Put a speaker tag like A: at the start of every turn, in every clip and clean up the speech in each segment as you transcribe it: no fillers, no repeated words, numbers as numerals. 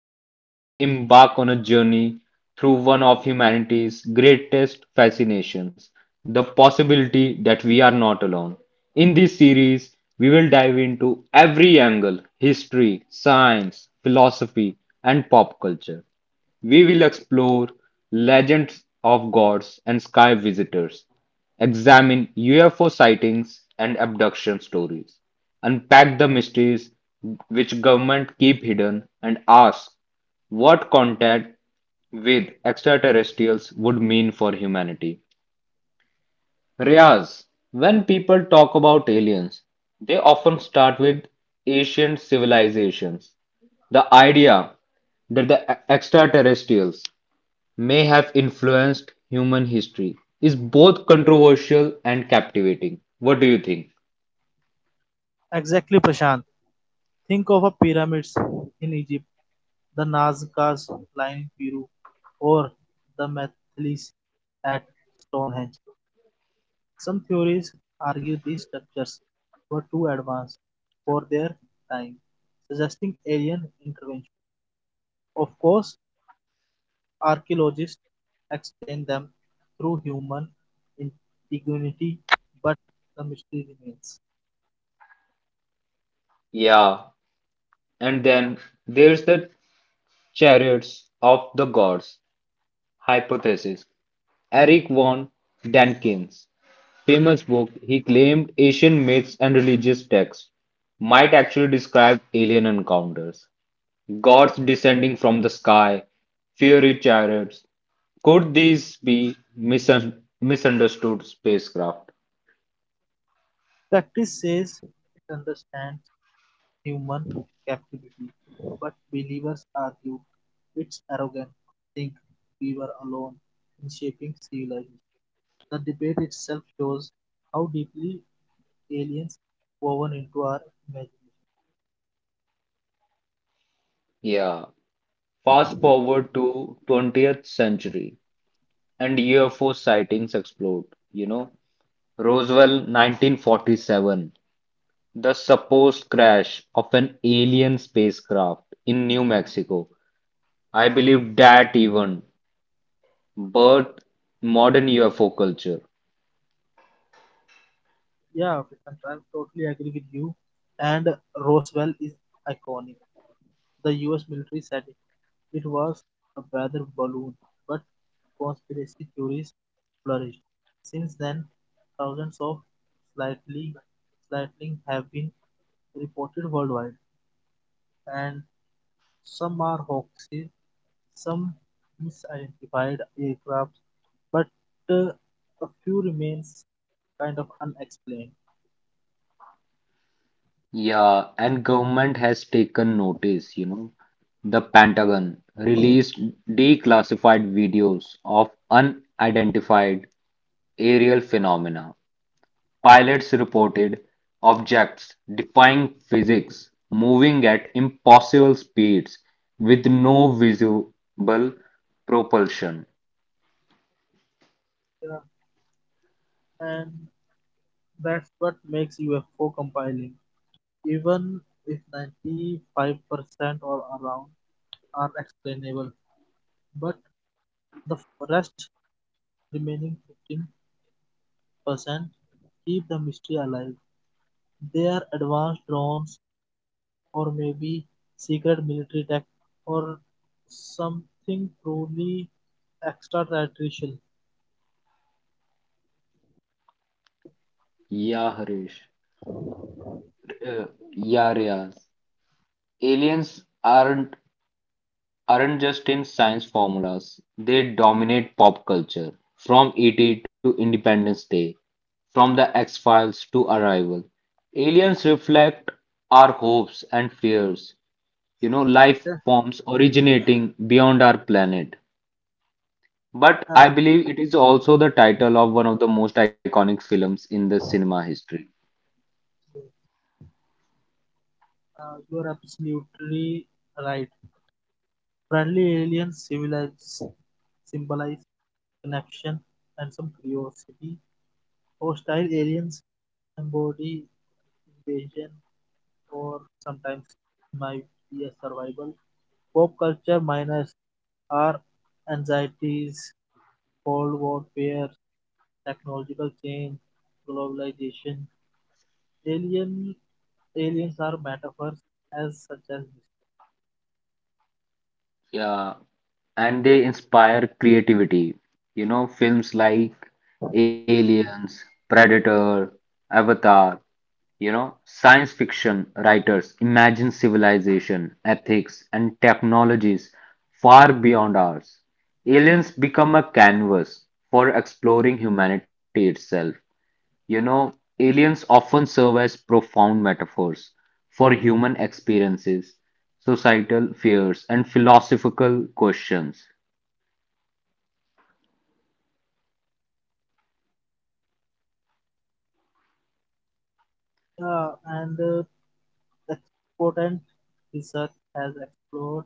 A: are about to embark on a journey through one of humanity's greatest fascinations, the possibility that we are not alone. In this series, we will dive into every angle, history, science, philosophy, and pop culture. We will explore legends of gods and sky visitors, examine UFO sightings and abduction stories, unpack the mysteries which government keep hidden, and ask what contact with extraterrestrials would mean for humanity. Riaz, when people talk about aliens, they often start with ancient civilizations. The idea that the extraterrestrials may have influenced human history is both controversial and captivating. What do you think?
B: Exactly, Prashant. Think of a pyramids in Egypt, the Nazca's line in Peru, or the megaliths at Stonehenge. Some theories argue these structures were too advanced for their time, suggesting alien intervention. Of course, archaeologists explain them through human ingenuity, but the mystery remains.
A: Yeah, and then there's the chariots of the gods hypothesis. Eric von Daniken's famous book, he claimed Asian myths and religious texts might actually describe alien encounters, gods descending from the sky, fiery chariots. Could these be misunderstood spacecraft?
B: Practice says it understands human captivity, but believers argued it's arrogant to think we were alone in shaping civilization. The debate itself shows how deeply aliens woven into our imagination.
A: Yeah. Fast forward to 20th century and UFO sightings explode. Roswell 1947, the supposed crash of an alien spacecraft in New Mexico. I believe that even birthed modern UFO culture.
B: Yeah, Vikrant, I totally agree with you. And Roswell is iconic. The US military said it was a weather balloon, but conspiracy theories flourished. Since then, thousands of slightly slightly have been reported worldwide, and some are hoaxes, some misidentified aircraft, but uh, a few remains kind of unexplained.
A: Yeah, and government has taken notice, The Pentagon released declassified videos of unidentified aerial phenomena. Pilots reported objects defying physics, moving at impossible speeds with no visible propulsion.
B: Yeah, and that's what makes UFO compiling. Even if 95% or around are explainable, but the rest remaining 15% keep the mystery alive. They are advanced drones or maybe secret military tech or something truly extraterrestrial.
A: Yeah, Harish. Uh, yeah, Riaz. Aliens aren't just in science formulas, they dominate pop culture. From ET to Independence Day, from the X Files to Arrival, aliens reflect our hopes and fears, life
B: Yeah,
A: forms originating beyond our planet. But I
B: uh,
A: believe it is also the title of one of the most iconic films in the cinema history.
B: you are absolutely right. Friendly aliens civilize, symbolize connection and some curiosity. Hostile aliens embody invasion or sometimes might be a survival. Pop culture minors are anxieties, cold warfare, technological change, globalization. Alien aliens are metaphors as such as this.
A: Yeah, and they inspire creativity. Films like Aliens, Predator, Avatar, science fiction writers imagine civilization, ethics, and technologies far beyond ours. Aliens become a canvas for exploring humanity itself. You know, aliens often serve as profound metaphors for human experiences, societal fears, and philosophical questions.
B: And exponent research has explored,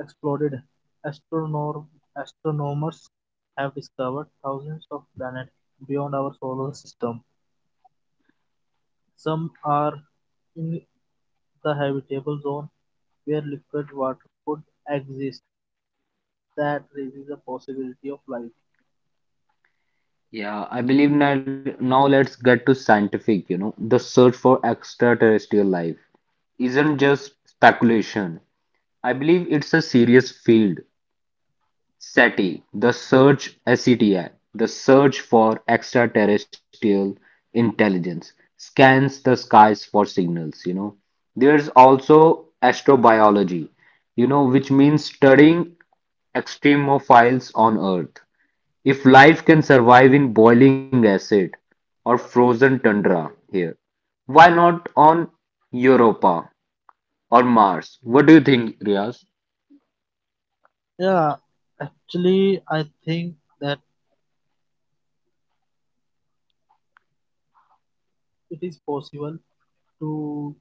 B: exploded. Astronom- astronomers have discovered thousands of planets beyond our solar system. Some are in the habitable zone where liquid water could exist. That raises the possibility of life.
A: Yeah, I believe now let's get to scientific, The search for extraterrestrial life isn't just speculation. I believe it's a serious field. SETI, the search for extraterrestrial intelligence, scans the skies for signals, There's also astrobiology, which means studying extremophiles on Earth. If life can survive in boiling acid or frozen tundra here, why not on Europa or Mars? What do you think, Riaz?
B: Yeah, actually, I think that it is possible to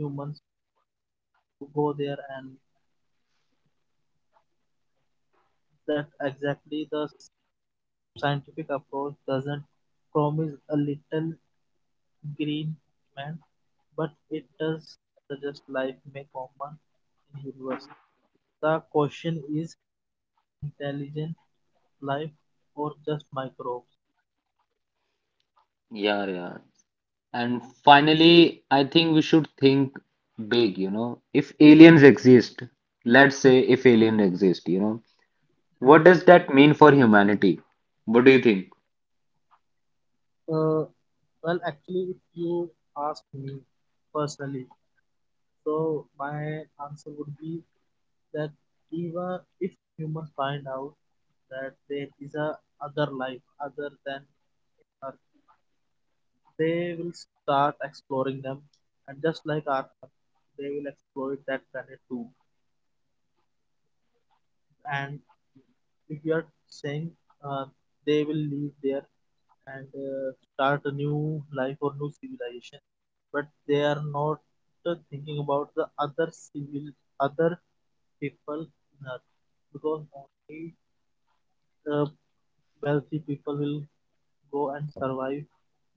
B: humans to go there, and that exactly the scientific approach doesn't promise a little green man, but it does suggest life may common in universe. The question is intelligent life or just microbes?
A: Yeah, yeah. And finally, I think we should think big, If aliens exist, let's say if aliens exist, what does that mean for humanity? What do you think?
B: Uh, well, actually, if you ask me personally, so my answer would be that even if humans find out that there is a other life other than Earth, they will start exploring them, and just like Earth, they will exploit that planet too. And if you are saying uh, they will leave there and start a new life or new civilization but they are not thinking about the other civil other people in earth because only uh, wealthy people will go and survive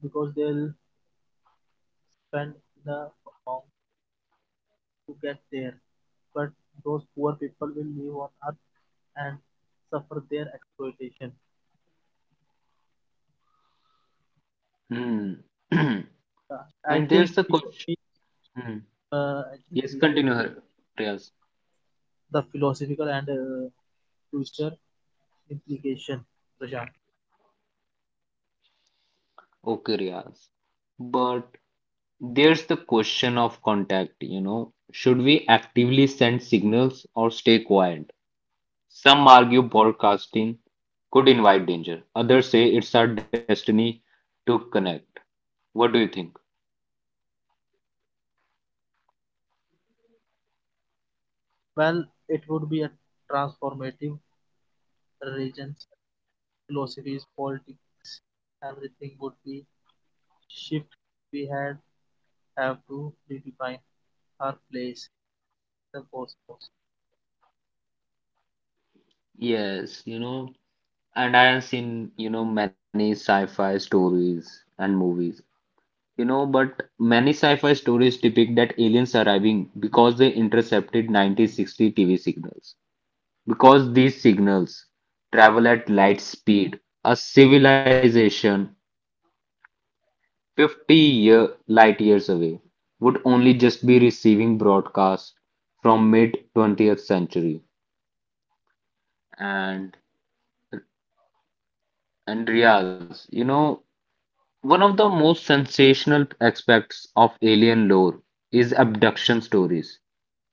B: because they'll spend the amount to get there but those poor people will live on earth and suffer their exploitation.
A: Hmm.
B: Uh, I
A: And there's
B: think
A: the
B: we
A: question. Hmm.
B: Uh, I think
A: Yes,
B: we should
A: continue,
B: put
A: Riaz.
B: the philosophical and future implication, Prashant.
A: Okay, Riaz. But there's the question of contact, Should we actively send signals or stay quiet? Some argue broadcasting could invite danger. Others say it's our destiny to connect. What do you think?
B: Well, it would be a transformative regions, philosophies, politics, everything would be shift. We had have to redefine our place in the cosmos.
A: Yes, and I have seen, many sci-fi stories and movies. But many sci-fi stories depict that aliens arriving because they intercepted 1960 TV signals, because these signals travel at light speed. A civilization 50-year, light years away would only just be receiving broadcasts from mid 20th century. And Andreas, one of the most sensational aspects of alien lore is abduction stories.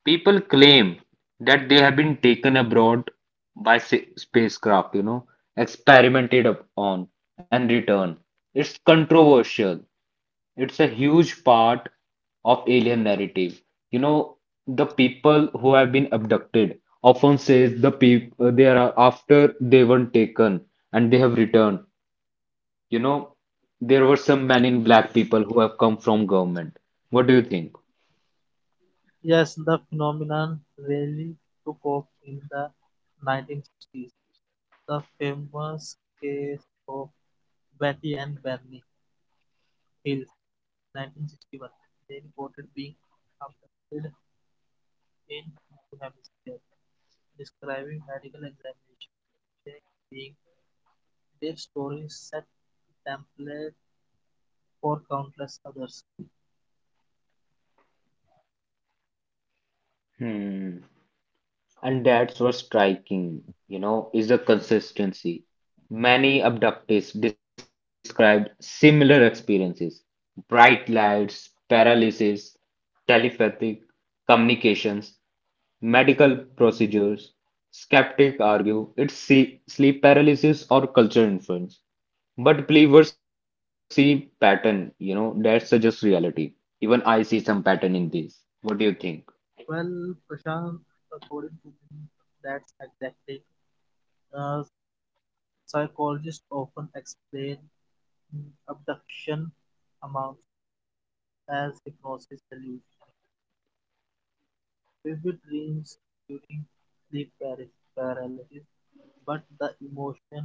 A: People claim that they have been taken abroad by spacecraft, experimented up on and returned. It's controversial. It's a huge part of alien narrative. You know, the people who have been abducted often says the people they are after they were taken and they have returned. You know, there were some men in black people who have come from government. What do you think?
B: Yes, the phenomenon really took off in the 1960s. The famous case of Betty and Bernie Hills, 1961; they reported being abducted in New Hampshire, describing medical examination. They being their stories set the template for countless others.
A: Hmm. And that's what's striking, is the consistency. Many abductees described similar experiences, bright lights, paralysis, telepathic communications, medical procedures. Skeptics argue sleep paralysis or culture influence, but believers see pattern, that suggests reality. Even I see some pattern in this. What do you think?
B: Well, Prashant, according to me, that's exactly Uh, psychologists often explain abduction amounts as hypnosis hallucination vivid dreams during sleep paralysis, but the emotional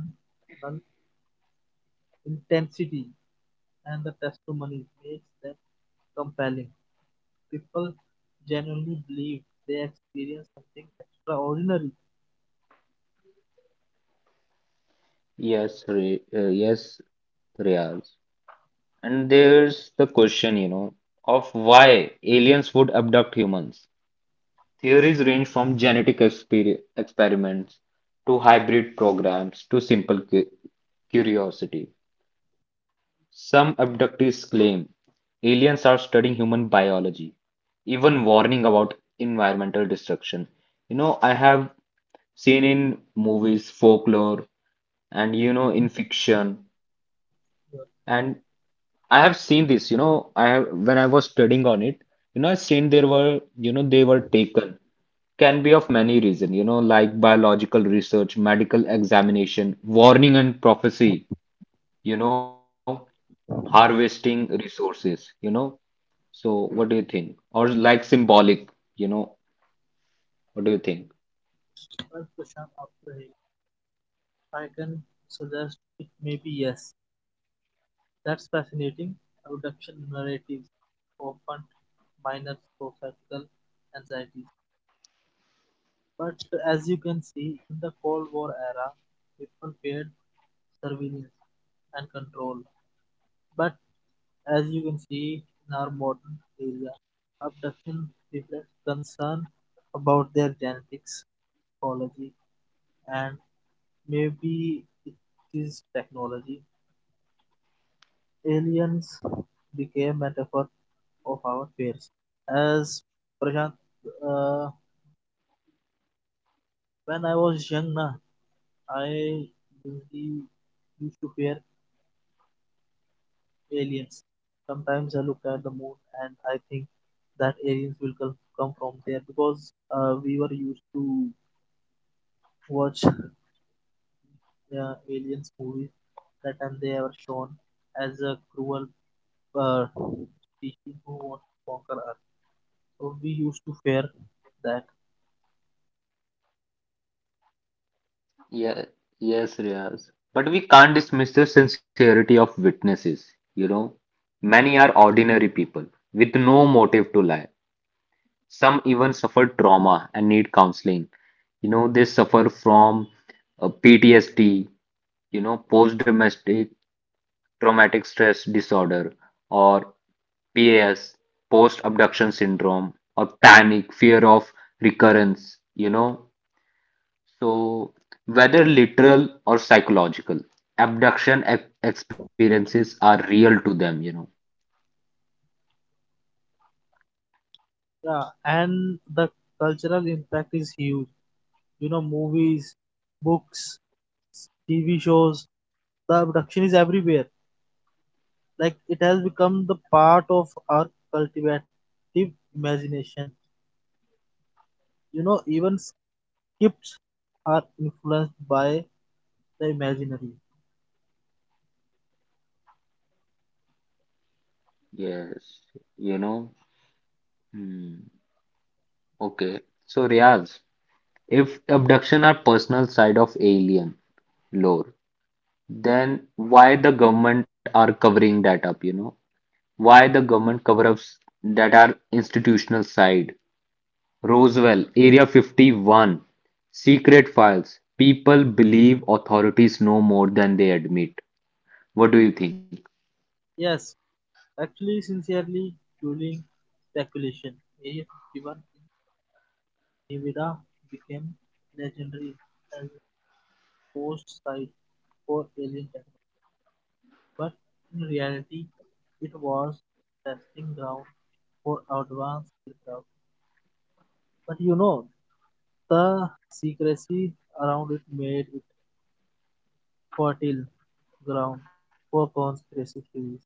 B: intensity and the testimony makes them compelling. People genuinely believe they experience something extraordinary.
A: Yes, Riyaz. And there's the question, of why aliens would abduct humans. Theories range from genetic experiments to hybrid programs to simple curiosity. Some abductees claim aliens are studying human biology, even warning about environmental destruction. I have seen in movies, folklore, and in fiction, and I have seen this, I have when I was studying on it, I seen there were, they were taken. Can be of many reasons, like biological research, medical examination, warning and prophecy, you know, harvesting resources, So what do you think? Or like symbolic, you know, what do you think?
B: Well, Prashant, after hearing, I can suggest it may be yes. That's fascinating. Abduction narratives often minor societal anxieties. But as you can see, in the Cold War era, people feared surveillance and control. But as you can see in our modern era, abduction reflects concern about their genetics, ecology, and maybe it is technology. Aliens became metaphor of our fears. As Prashant, uh, when I was young, na, I usually used to fear aliens. Sometimes I look at the moon and I think that aliens will come from there because we were used to watch aliens movies that time they were shown as a cruel uh, species who wants to conquer Earth. So we used to fear that.
A: Yeah, yes, Riaz. But we can't dismiss the sincerity of witnesses, Many are ordinary people with no motive to lie. Some even suffer trauma and need counseling. They suffer from PTSD, post-domestic traumatic stress disorder, or PAS, post-abduction syndrome, or panic, fear of recurrence, So, whether literal or psychological, abduction ex experiences are real to them.
B: Yeah, and the cultural impact is huge. You know, movies, books, TV shows, the abduction is everywhere. Like it has become the part of our cultivative imagination, you know, even scripts are influenced by the imaginary.
A: Yes, you know. Hmm. Okay. So, Riaz. If abduction are personal side of alien lore, then why the government are covering that up, Why the government cover ups that are institutional side? Roswell, Area 51, secret files. People believe authorities know more than they admit. What do you think?
B: Yes, actually sincerely fueling speculation, area 51 in Nevada became legendary as a post site for alien technology, but in reality it was testing ground for advanced aircraft. But you know, the secrecy around it made it fertile ground for conspiracy theories.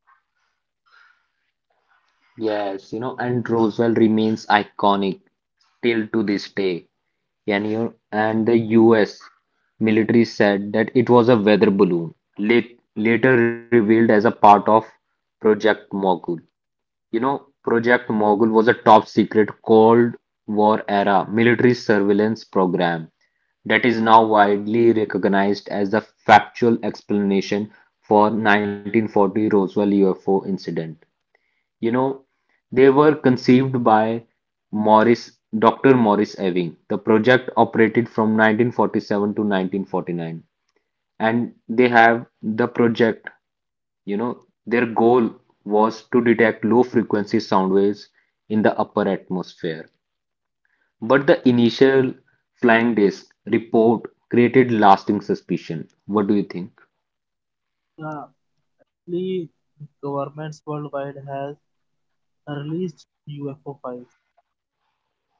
A: Yes, and Roswell remains iconic till to this day. Canyon and the U.S. military said that it was a weather balloon, later revealed as a part of Project Mogul. Project Mogul was a top secret Cold War era military surveillance program that is now widely recognized as the factual explanation for 1940 Roswell UFO incident. You know, they were conceived by Dr. Morris Ewing. The project operated from 1947 to 1949, and they have the project. Their goal was to detect low frequency sound waves in the upper atmosphere. But the initial flying disc report created lasting suspicion. What do you think?
B: Early governments worldwide has released UFO files.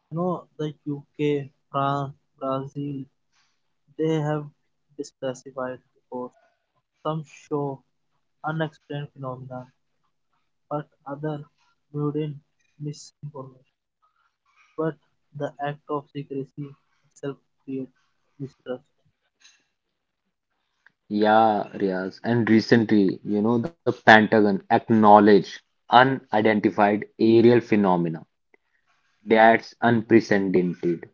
B: You know, the UK, France, Brazil, they have disclassified reports. Some show unexplained phenomena, but other mundane misinformation. But the act of secrecy itself creates distrust.
A: Yeah, Riaz. And recently, the Pentagon acknowledged unidentified aerial phenomena. That's unprecedented.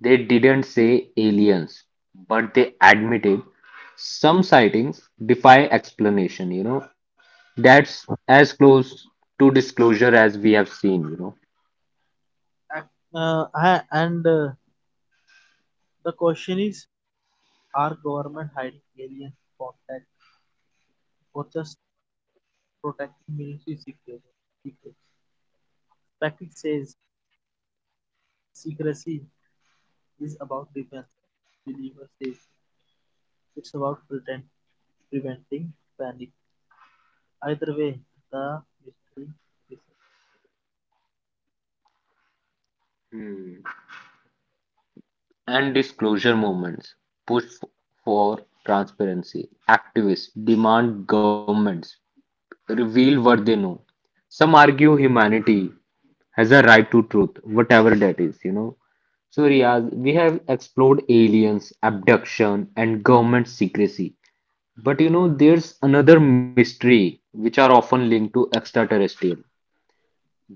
A: They didn't say aliens, but they admitted some sightings defy explanation, That's as close to disclosure as we have seen.
B: And the question is, are government hiding alien contact or just protecting military secrets? Patrick says secrecy is about defense. Believer says it's about pretend, preventing panic. Either way, the mystery is.
A: Hmm. And disclosure movements push f- for transparency. Activists demand governments reveal what they know. Some argue humanity has a right to truth, whatever that is, So, Riaz, we have explored aliens, abduction, and government secrecy. But there's another mystery which are often linked to extraterrestrial,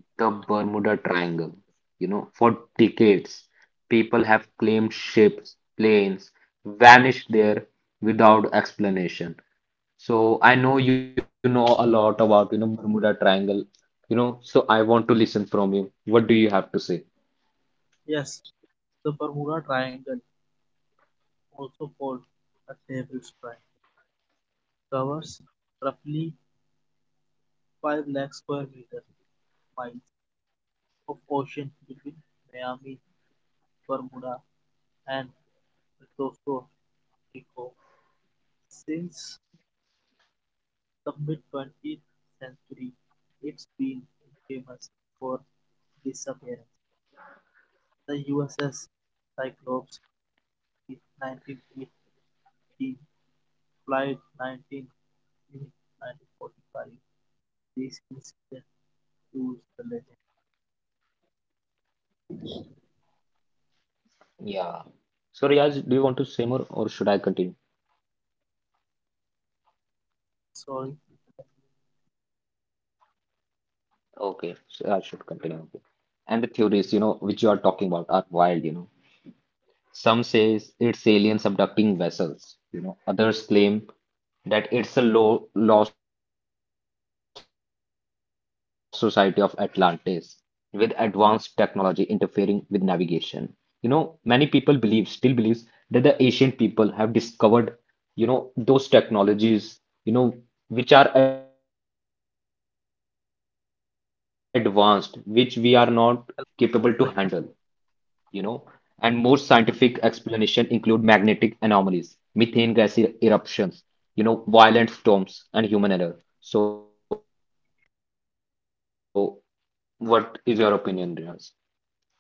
A: the Bermuda Triangle. For decades, people have claimed ships, planes vanished there without explanation. So I know you know a lot about, Bermuda Triangle, so I want to listen from you. What do you have to say?
B: Yes. The Bermuda Triangle, also called a devil's triangle, covers roughly 5 lakh square meter miles of ocean between Miami Bermuda, and Puerto Rico. Since the mid-20th century, it's been famous for disappearance. The USS Cyclops in 1918, Flight 19 in 1945. This incident proves the legend.
A: Yeah. So Riaz, do you want to say more or should I continue?
B: Sorry,
A: Okay, so I should continue. Okay. And the theories, which you are talking about are wild, Some says it's aliens abducting vessels, Others claim that it's a low lost society of Atlantis with advanced technology interfering with navigation. Many people believe, still believes that the ancient people have discovered, those technologies, you know, which are advanced, which we are not capable to handle, you know, and more scientific explanation include magnetic anomalies, methane gas eruptions, violent storms, and human error. So, what is your opinion, Riaz?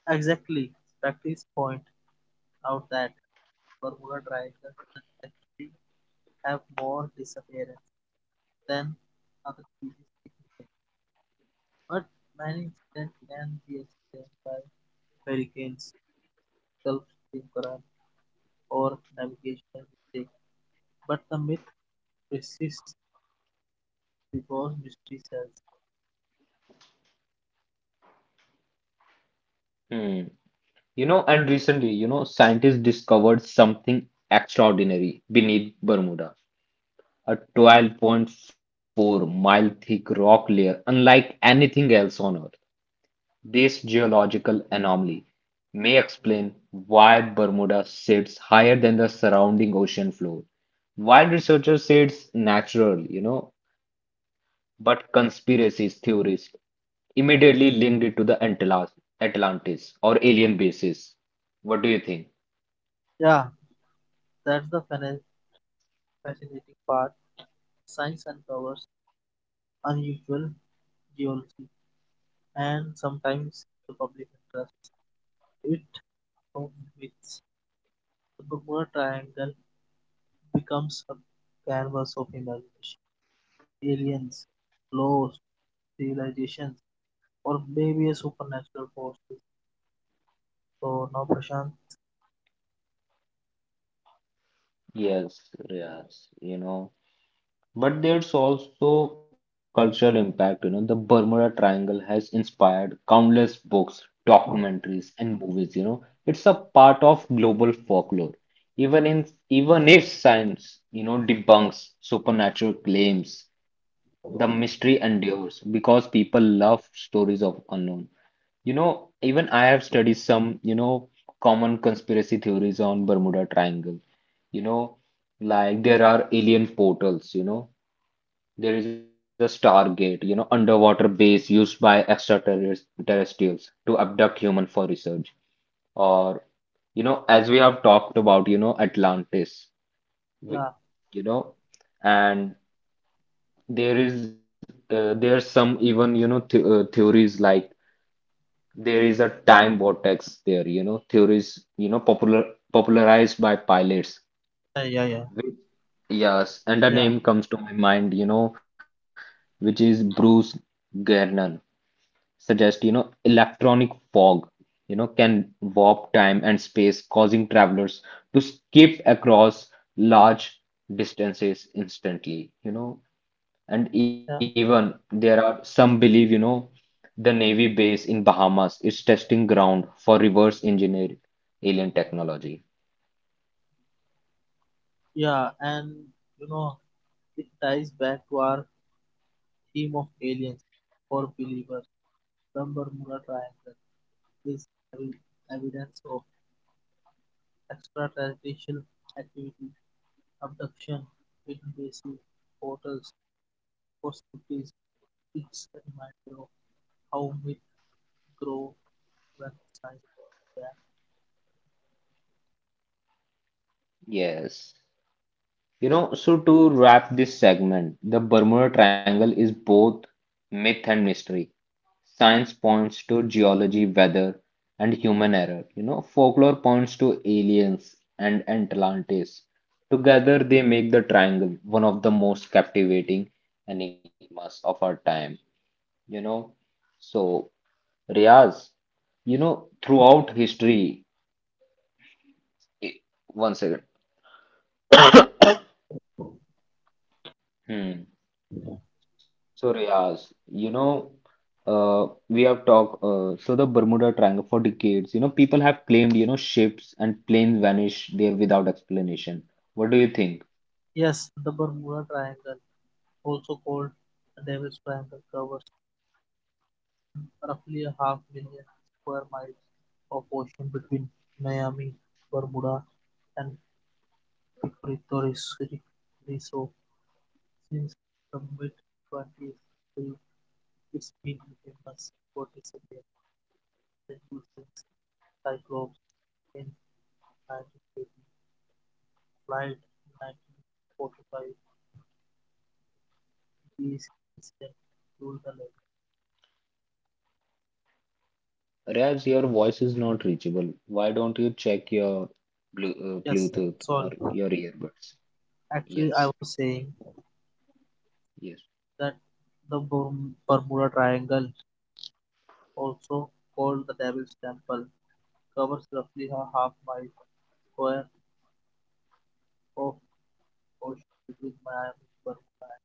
B: exactly. Practice point out that Bermuda Triangle doesn't actually have more disappearances than other species, but many incidents can be explained by hurricanes, Gulf Stream current, or navigational mistakes. But the myth persists because mystery sells.
A: Hmm. And recently, scientists discovered something extraordinary beneath Bermuda, a 12.4-mile thick rock layer unlike anything else on Earth. This geological anomaly may explain why Bermuda sits higher than the surrounding ocean floor. While researchers say it's natural, but conspiracy theorists immediately linked it to the Atlantis or alien bases. What do you think?
B: Yeah, that's the fascinating part. Science uncovers unusual geology and sometimes the public interest. It of which the Bermuda Triangle becomes a canvas of imagination: aliens, ghosts, civilizations, or maybe a supernatural forces. So now, Prashant,
A: Yes, yes, But there's also cultural impact. The Bermuda Triangle has inspired countless books, documentaries, and movies. It's a part of global folklore. Even if science, debunks supernatural claims, the mystery endures because people love stories of unknown. Even I have studied some, common conspiracy theories on Bermuda Triangle. You know, like there are alien portals, there is a Stargate, underwater base used by extraterrestrials to abduct human for research. Or, as we have talked about, Atlantis, we-
B: yeah,
A: you know, and there is there are some even, you know, th theories like there is a time vortex there, theories, popularized by pilots.
B: yeah, yeah, yeah,
A: Which, yes, and a
B: yeah,
A: name comes to my mind, which is Bruce Gernon. Suggest, electronic fog, can warp time and space, causing travelers to skip across large distances instantly, And
B: yeah,
A: even there are some believe, the Navy base in Bahamas is testing ground for reverse engineered alien technology.
B: yeah, and you know, it ties back to our theme of aliens for believers. The Bermuda Triangle is evi- evidence of extraterrestrial activity, abduction, invasive portals, possibilities. It's a reminder of how myths grow when science.
A: Yes. So to wrap this segment, the Bermuda Triangle is both myth and mystery. Science points to geology, weather, and human error. Folklore points to aliens and Atlantis. Together, they make the triangle one of the most captivating enigmas of our time. You know, so Riaz, throughout history, eh, one second. Hmm. So Riaz, we have talked, so the Bermuda Triangle for decades, people have claimed, ships and planes vanish there without explanation. What do you think?
B: Yes, the Bermuda Triangle, also called the Devil's Triangle, covers roughly a half million square miles of ocean between Miami, Bermuda, and Torres-Riso. Since the mid-20th century, it's been famous for its amazing using Cyclops in 1980, Flight in 1945, these incidents ruled the lake.
A: Riaz, your voice is not reachable. Why don't you check your
B: Yes,
A: Bluetooth or
B: sorry.
A: your earbuds?
B: Actually, I
A: Yes,
B: was saying
A: yes.
B: that the Bermuda Triangle, also called the Devil's Temple, covers roughly a half mile square of ocean between Miami, Bermuda, and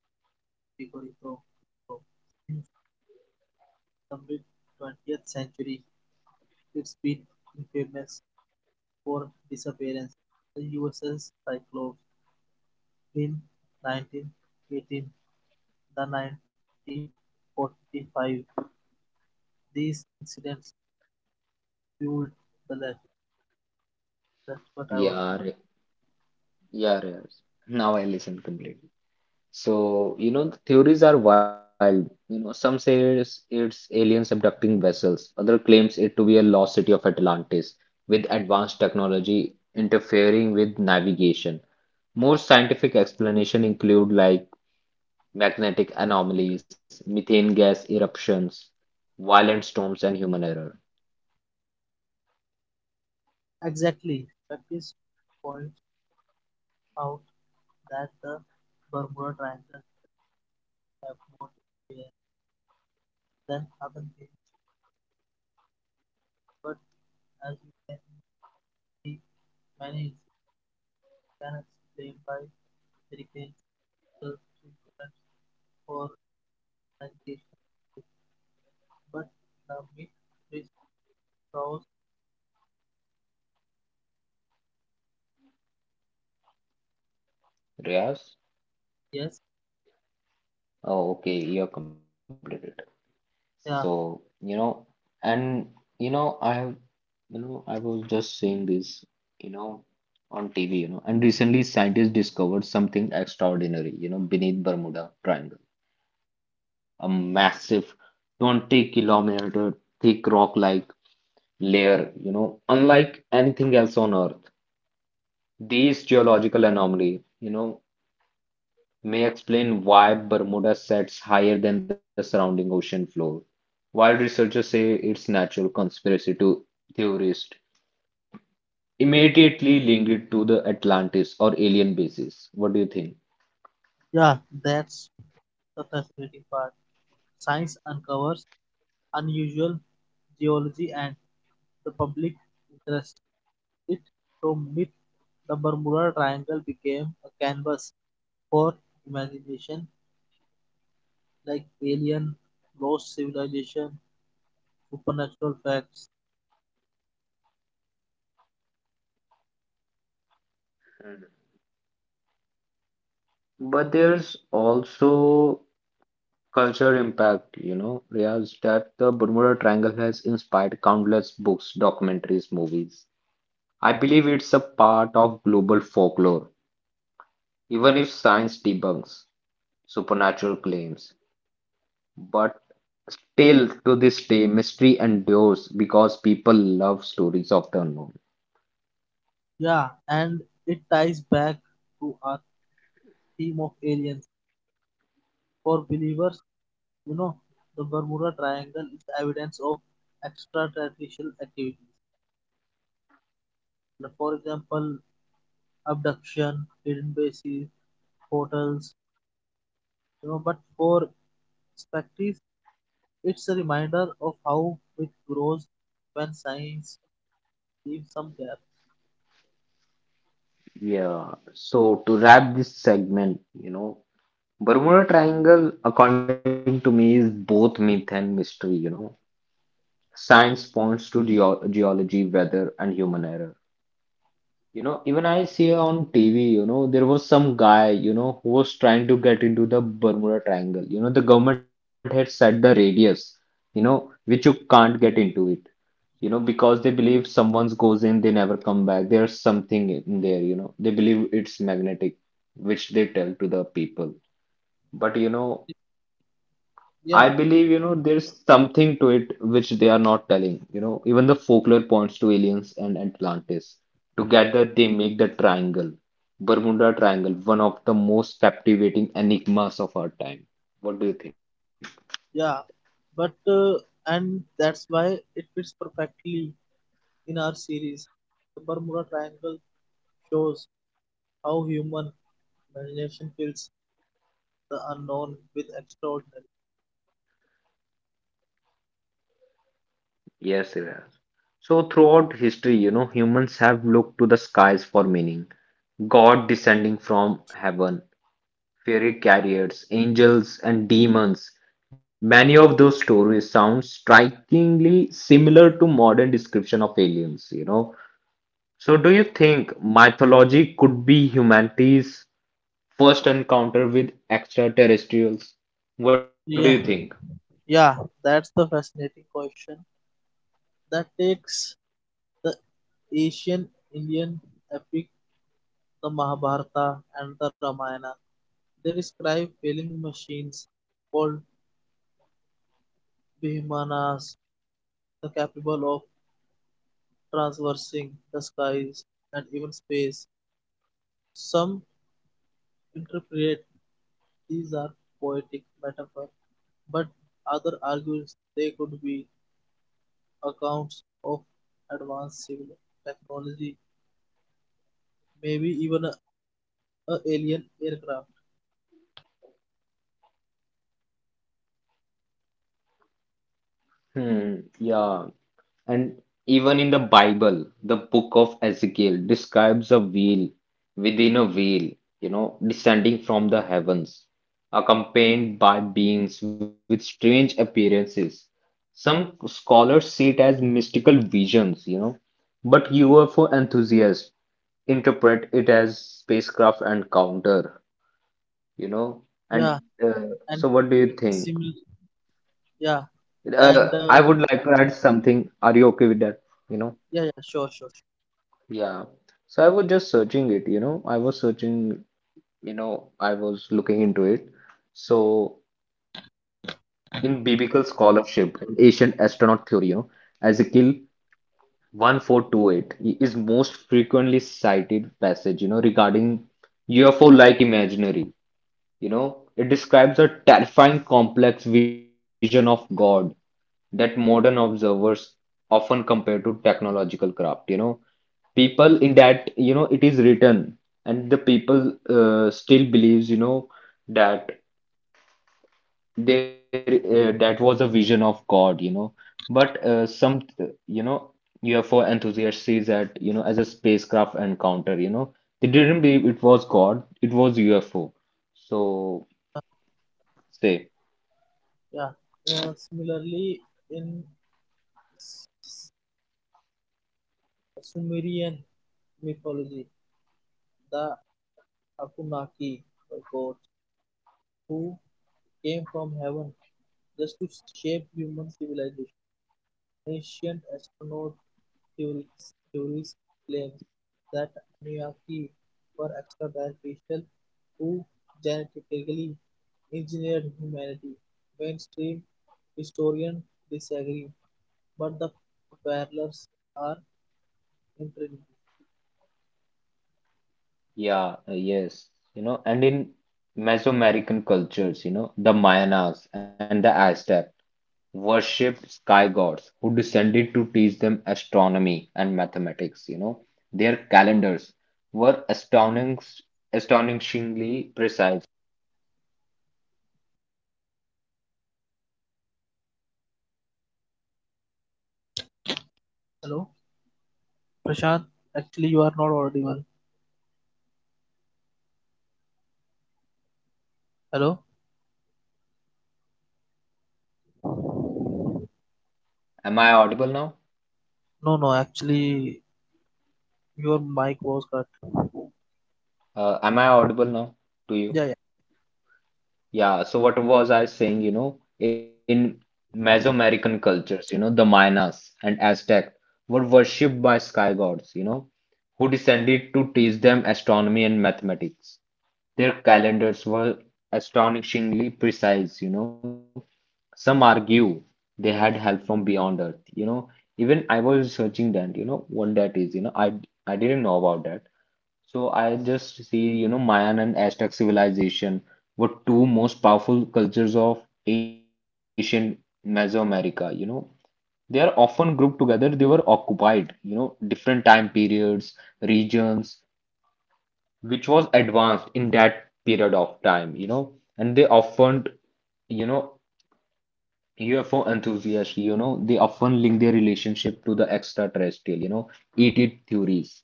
B: Puerto Rico. So, since the mid 20th century, it's been infamous for disappearance. The USS Cyclops in 1918, the 1945. These incidents fueled the legend. That's what I was
A: Yeah,
B: saying.
A: Ri- yeah, Riaz. Now I listen completely. So, the theories are wild. You know, some say it's aliens abducting vessels. Other claims it to be a lost city of Atlantis with advanced technology interfering with navigation. More scientific explanation include like magnetic anomalies, methane gas eruptions, violent storms, and human error.
B: Exactly. Practice points out that the Bermuda Triangle have more to share than other places, but as you can see, many issues can explain by hurricanes, coastal stream currents, or navigation. But the myth which draws,
A: Riaz?
B: yes,
A: Oh, okay, you have completed. So,
B: yeah,
A: you know, and you know, I have, you know, I was just saying this, you know. On TV. And recently, scientists discovered something extraordinary, beneath Bermuda Triangle, a massive 20-kilometer thick rock-like layer, unlike anything else on Earth. These geological anomaly, may explain why Bermuda sets higher than the surrounding ocean floor. While researchers say it's natural conspiracy to theorists immediately link it to the Atlantis or alien bases. What do you think?
B: yeah, that's the fascinating part. Science uncovers unusual geology and the public interest in it, so myth the Bermuda Triangle became a canvas for imagination like alien, lost civilization, supernatural facts.
A: But there's also culture impact, Riaz, that the Bermuda Triangle has inspired countless books, documentaries, movies. I believe it's a part of global folklore, even if science debunks supernatural claims. But still, to this day, mystery endures because people love stories of the unknown.
B: Yeah, and it ties back to our theme of aliens. For believers, you know, the Bermuda Triangle is evidence of extraterrestrial activities. Like, for example, abduction, hidden bases, portals, you know, but for spectators, it's a reminder of how it grows when science leaves some gap.
A: Yeah, so to wrap this segment, Bermuda Triangle, according to me, is both myth and mystery. Science points to geology, weather, and human error. You know, even I see on TV, there was some guy, who was trying to get into the Bermuda Triangle. You know, the government had set the radius, which you can't get into it, because they believe someone goes in, they never come back. There's something in there, you know. They believe it's magnetic, which they tell to the people. But I believe,
B: Yeah,
A: there's something to it which they are not telling. You know, even the folklore points to aliens and Atlantis. Together, they make the triangle, Bermuda Triangle, one of the most captivating enigmas of our time. What do you think?
B: yeah. But and that's why it fits perfectly in our series. The Bermuda Triangle shows how human imagination fills the unknown with extraordinary.
A: Yes, Iraj. So, throughout history, humans have looked to the skies for meaning. God descending from heaven, fairy carriers, angels, and demons. Many of those stories sound strikingly similar to modern description of aliens. So do you think mythology could be humanity's first encounter with extraterrestrials? What do you think?
B: Yeah, yeah, that's the fascinating question that takes the Asian Indian epic, the Mahabharata and the Ramayana. They describe whaling machines called "vihimanas" the capable of traversing the skies and even space. Some interpret these are poetic metaphor, but other argues they could be accounts of advanced civil technology, maybe even a alien aircraft.
A: Hmm, yeah. And even in the Bible, the book of Ezekiel describes a wheel within a wheel, descending from the heavens, accompanied by beings with strange appearances. Some scholars see it as mystical visions, but UFO enthusiasts interpret it as spacecraft encounter. you know.
B: Yeah,
A: And uh,
B: and
A: so, what do you think?
B: similar. Yeah,
A: I
B: and
A: would like to add something. Are you okay with that? You know?
B: yeah, yeah, sure, sure, sure.
A: Yeah. So I was just searching it, I was searching, I was looking into it. So in biblical scholarship, in ancient astronaut theory, Ezekiel 1428 is most frequently cited passage, regarding UFO-like imaginary. You know, it describes a terrifying complex vision of God that modern observers often compare to technological craft, people in that it is written and the people still believes that there that was a vision of God but some you know UFO enthusiasts sees that as a spacecraft encounter they didn't believe it was God it was UFO so say
B: Yeah. Similarly, in Sumerian mythology, the Anunnaki were gods who came from heaven just to shape human civilization. Ancient astronaut theories claims that Anunnaki were extraterrestrials who genetically engineered humanity. Mainstream historians disagree, but the parallels are intriguing.
A: yeah yes and in Mesoamerican cultures the Mayans and the Aztec worshipped sky gods who descended to teach them astronomy and mathematics. Their calendars were astonishingly precise.
B: Hello, Prashant. Actually, you are not already one. Hello.
A: Am I audible now?
B: No, no, actually, your mic was cut.
A: Am I audible now to you?
B: Yeah, yeah,
A: Yeah, so what was I saying? You know, in Mesoamerican cultures, the Mayas and Aztec were worshipped by sky gods, who descended to teach them astronomy and mathematics. Their calendars were astonishingly precise, you know. Some argue they had help from beyond Earth, you know. Even I was researching that, what that is, I didn't know about that. So I just see, Mayan and Aztec civilization were two most powerful cultures of ancient Mesoamerica, you know. They are often grouped together. They were occupied, different time periods, regions, which was advanced in that period of time, and they often, you know, UFO enthusiasts, they often link their relationship to the extraterrestrial, ET theories.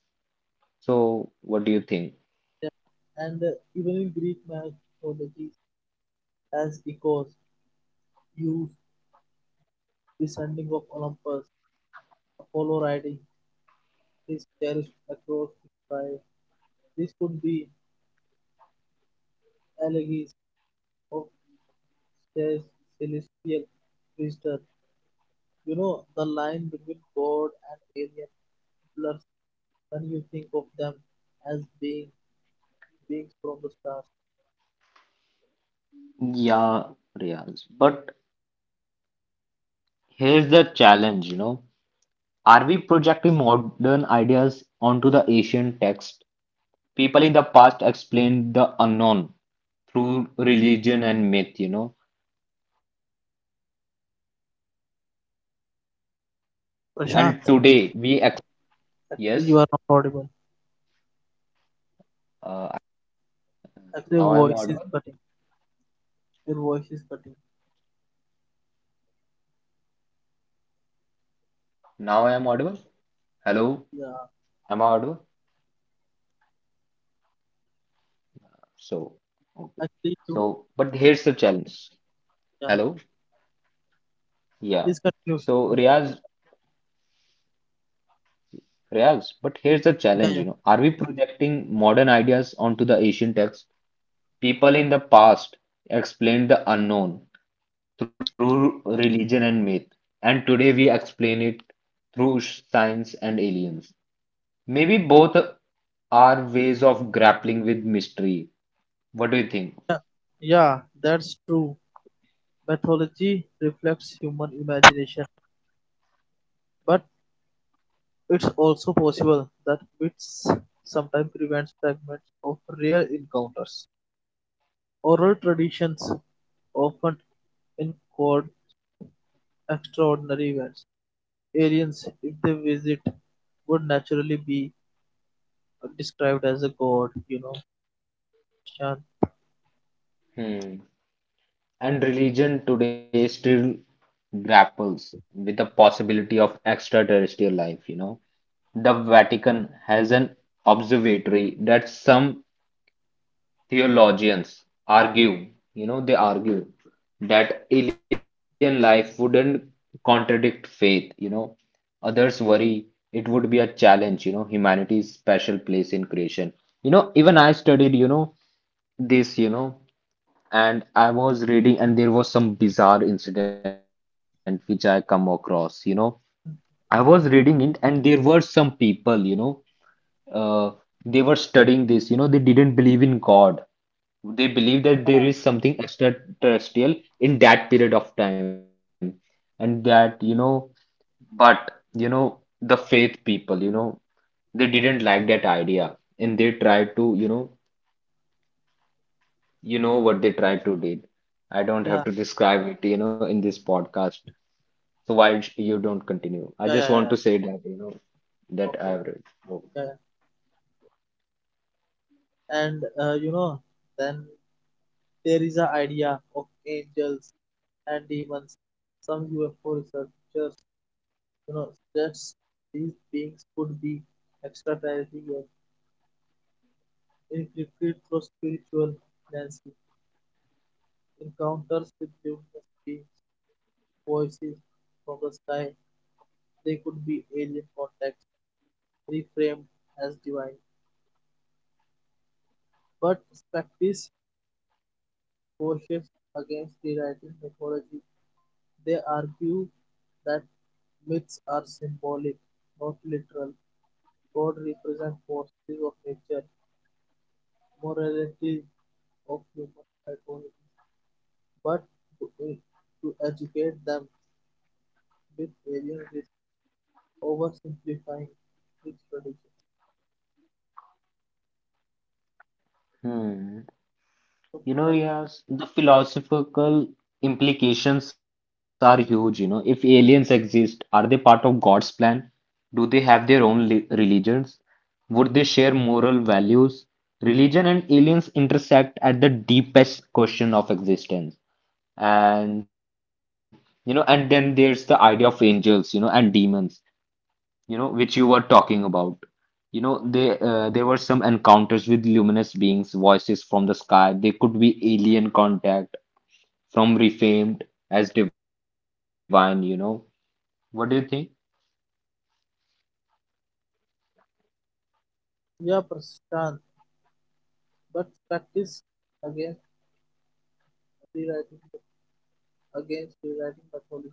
A: So, what do you think?
B: yeah. And even in Greek mythology, as echoes, Zeus descending of Olympus, Apollo riding his chariot across the sky. This could be allegories of ce- celestial visitor. You know, the line between God and alien blurs when you think of them as being beings from the stars.
A: Yeah, Riyaz. But here's the challenge, you know. Are we projecting modern ideas onto the ancient text? People in the past explained the unknown through religion and myth, you know. And today we explain it through science and aliens.
B: Prashant,
A: Maybe both.
B: actually, you
A: Yes.
B: are not audible.
A: Uh, I'm, uh,
B: Actually, your
A: now I'm
B: voice is
A: audible.
B: cutting. Your voice is cutting.
A: Now I'm audible. Hello. Am I audible?
B: Yeah,
A: So, okay. So, but here's the
B: actually, you,
A: challenge. Hello.
B: yeah,
A: Yeah.
B: Please
A: So,
B: continue. Please
A: Riaz,
B: continue.
A: Riaz, but here's the challenge, you
B: Yeah,
A: know.
B: yeah,
A: Are we projecting modern ideas onto the ancient text? People in the past explained the unknown. Through religion and myth, and today we explain it through science and aliens. Maybe both are ways of grappling with mystery. What do you think?
B: yeah, that's true. Mythology reflects human imagination, but it's also possible that myths sometimes prevents fragments of real encounters. Oral traditions often encode extraordinary events. Aliens, if they visit, would naturally be described as a god, you know. Shan-
A: Hmm. And religion today still grapples with the possibility of extraterrestrial life, you know. The Vatican has an observatory that some theologians argue, they argue that alien life wouldn't contradict faith, you know. Others worry it would be a challenge, humanity's special place in creation. You know, even I studied, this, and I was reading, and there was some bizarre incident which I come across, you know. I was reading it, and there were some people, uh, they were studying this, they didn't believe in God they believe that there is something extraterrestrial in that period of time, and that, you know, but, you know, the faith people, they didn't like that idea, and they tried to, what they tried to did. I don't have
B: Yeah,
A: to describe it, in this podcast. So why you don't continue? I
B: yeah,
A: just
B: yeah, yeah.
A: want
B: yeah.
A: to say that, that
B: Okay,
A: I've read. Oh.
B: yeah, yeah. and you know, then there is a idea of angels and demons. Some UFO researchers, you know, suggests these beings could be extraterrestrial inflicted through spiritual nancy encounters with luminous beings, voices from the sky. They could be alien contacts reframed as divine, but skeptics cautions against rewriting mythology. They argue that myths are symbolic, not literal; God represents forces of nature, morality of human psychology. But to to educate them with alien risks, oversimplifying its tradition.
A: Hmm. You know,
B: Professor
A: yes, the philosophical implications are huge. You know, if aliens exist, are they part of God's plan? Do they have their own religions? Would they share moral values? Religion and aliens intersect at the deepest question of existence. And, and then there's the idea of angels, and demons which you were talking about. You know, they there were some encounters with luminous beings, voices from the sky. They could be alien contact, from refamed as divine, you know. What do you think?
B: Yeah, Prashant, but practice against rewriting mythology.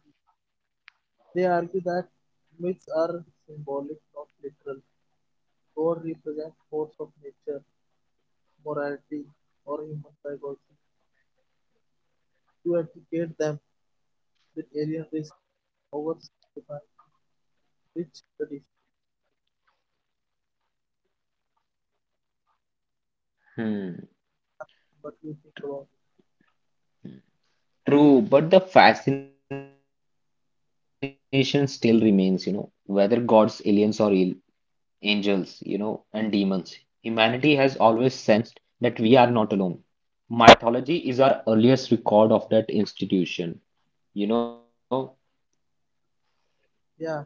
B: They argue that myths are symbolic, not literal. God represents force of nature, morality, or human psychology. To educate them with alien risk oversimplify rich tradition,
A: Hmm.
B: but you think about it.
A: True, but the fascination still remains, whether gods, aliens, or angels, and demons. Humanity has always sensed that we are not alone. Mythology is our earliest record of that institution, you know.
B: Yeah,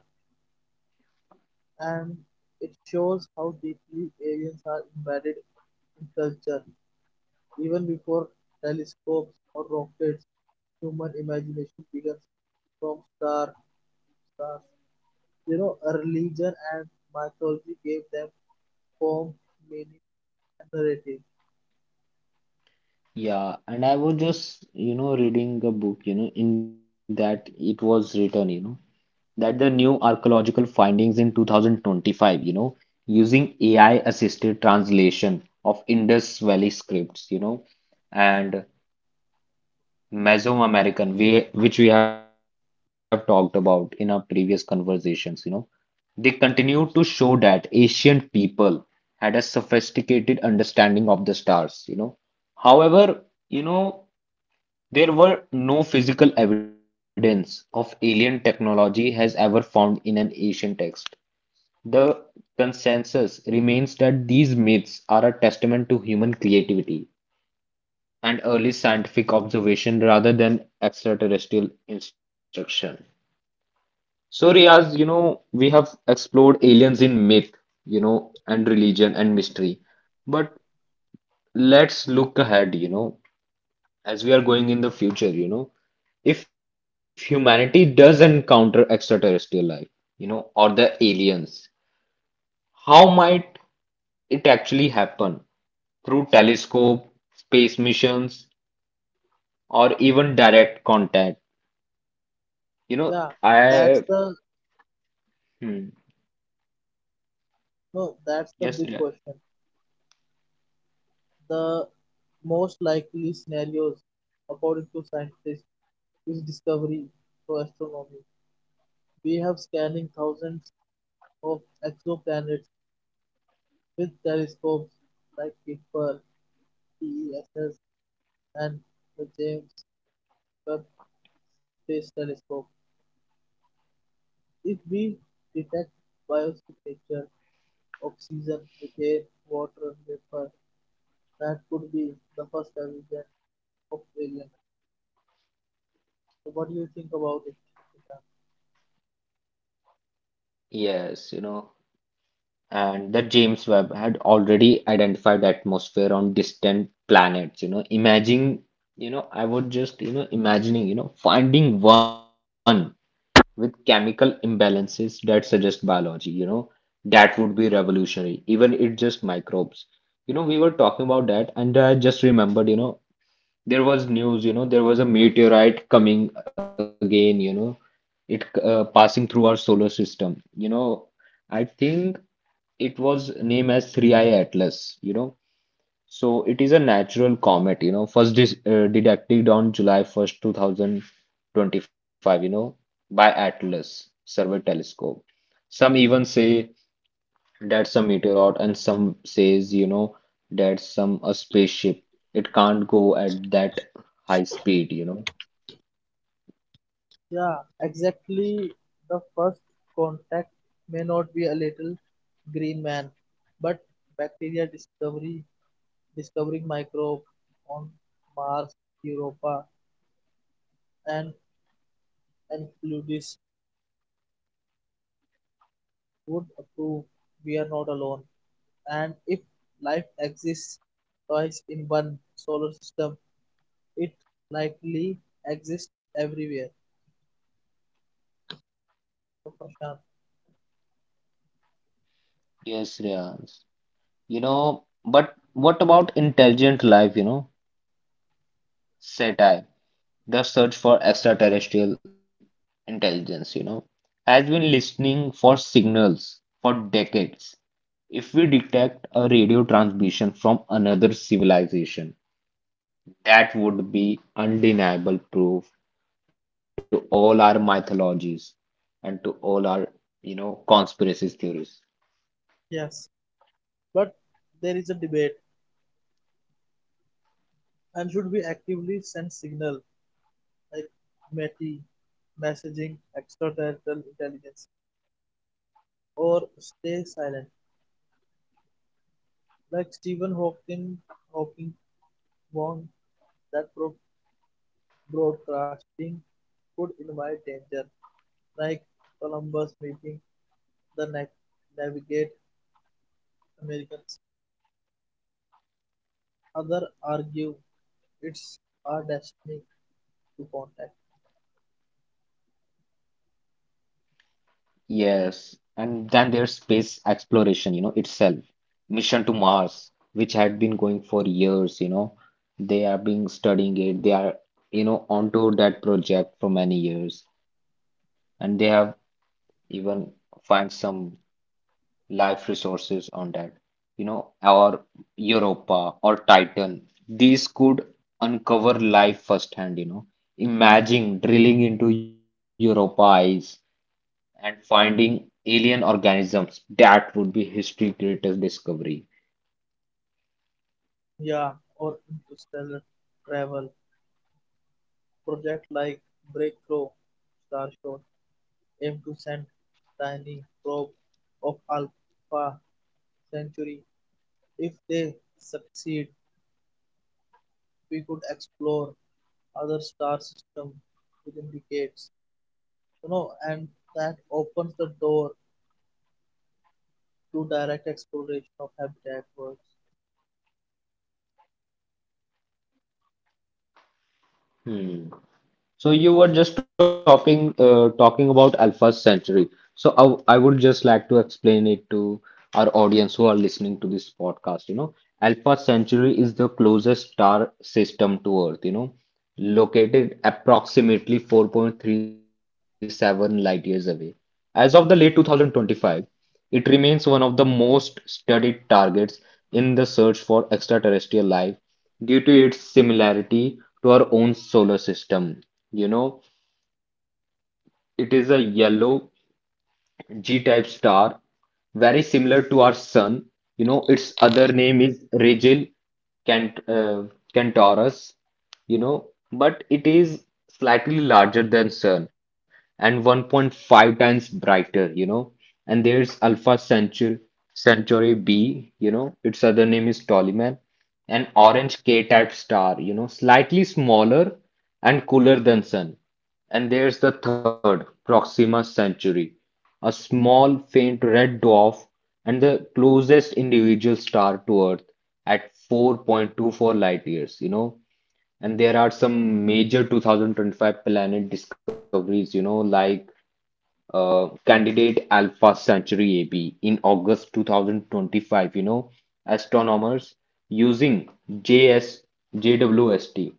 B: and it shows how deeply aliens are embedded in culture. Even before telescopes or rockets, human imagination begins from stars. You know, a religion and mythology gave them form, meaning, and narrative.
A: Yeah, and I was just, reading a book, in that it was written, that the new archaeological findings in 2025, using AI assisted translation of Indus Valley scripts, you know, and Mesoamerican, which we have talked about in our previous conversations, they continue to show that ancient people had a sophisticated understanding of the stars, you know. However, you know, there were no physical evidence of alien technology has ever found in an ancient text. The consensus remains that these myths are a testament to human creativity and early scientific observation rather than extraterrestrial instruction. So, Riaz, we have explored aliens in myth, and religion and mystery. But let's look ahead, as we are going in the future, if humanity does encounter extraterrestrial life, or the aliens, how might it actually happen? Through telescope, space missions, or even direct contact. You know,
B: Yeah,
A: I,
B: that's the
A: hmm,
B: No, that's the
A: Yes, yeah,
B: big question. The most likely scenarios, according to scientists, is discovery to astronomy. We have scanning thousands of exoplanets with telescopes like Kepler, TESS, and the James Webb Space Telescope. If we detect biosignature, oxygen, methane, water, vapor, that could be the first evidence of alien. So what do you think about it, Ishan?
A: yes, and the James Webb had already identified atmosphere on distant planets, you know, imagine, you know, I would just, you know, imagining, finding one. With chemical imbalances that suggest biology, that would be revolutionary. Even it just microbes. We were talking about that, and I just remembered: there was news: there was a meteorite coming again, it passing through our solar system. I think it was named as 3I Atlas. So it is a natural comet, first dis detected on July 1st, 2025, by Atlas Survey Telescope. Some even say that's a meteorite, and some says, that's some a spaceship. It can't go at that high speed.
B: Yeah, exactly. The first contact may not be a little green man, but bacteria discovery, discovering microbe on Mars, Europa, and Enceladus would prove we are not alone. And if life exists twice in one solar system, it likely exists everywhere. So, Prashant,
A: Yes, Riyaz. But what about intelligent life, Seti, the search for extraterrestrial intelligence, has been listening for signals for decades. If we detect a radio transmission from another civilization, that would be undeniable proof to all our mythologies and to all our conspiracy theories.
B: yes, but there is a debate and should be actively send signal like METI, messaging, extraterrestrial intelligence, or stay silent, like Stephen Hawking, Hawking warned that broadcasting could invite danger, like Columbus meeting the navigate Americans. Other argue it's our destiny to contact.
A: Yes, and then there's space exploration itself. Mission to Mars, which had been going for years. They are being studying it. They are onto that project for many years, and they have even find some life resources on that, or Europa or Titan. These could uncover life firsthand. Imagine drilling into Europa ice and finding alien organisms. That would be history's greatest discovery.
B: Yeah, or interstellar travel project like Breakthrough, Starshot, aim to send tiny probe of Alpha Centauri. If they succeed, we could explore other star systems within decades. You know, and that opens the door to direct exploration of habitat worlds.
A: Hmm. So you were just talking about Alpha Centauri. So I would just like to explain it to our audience who are listening to this podcast. Alpha Centauri is the closest star system to Earth. Located approximately 4.37 light years away. As of the late 2025, it remains one of the most studied targets in the search for extraterrestrial life due to its similarity to our own solar system. You know, it is a yellow G-type star, very similar to our sun. Its other name is Rigel Cant Centaurus, but it is slightly larger than sun and 1.5 times brighter. And there's Alpha Centauri, Centauri B, its other name is Ptolemy, an orange K-type star, slightly smaller and cooler than sun. And there's the third, Proxima Centauri, a small, faint red dwarf, and the closest individual star to Earth at 4.24 light years. And there are some major 2025 planet discoveries, like Candidate Alpha Centauri AB in August 2025, astronomers using J S J W S T.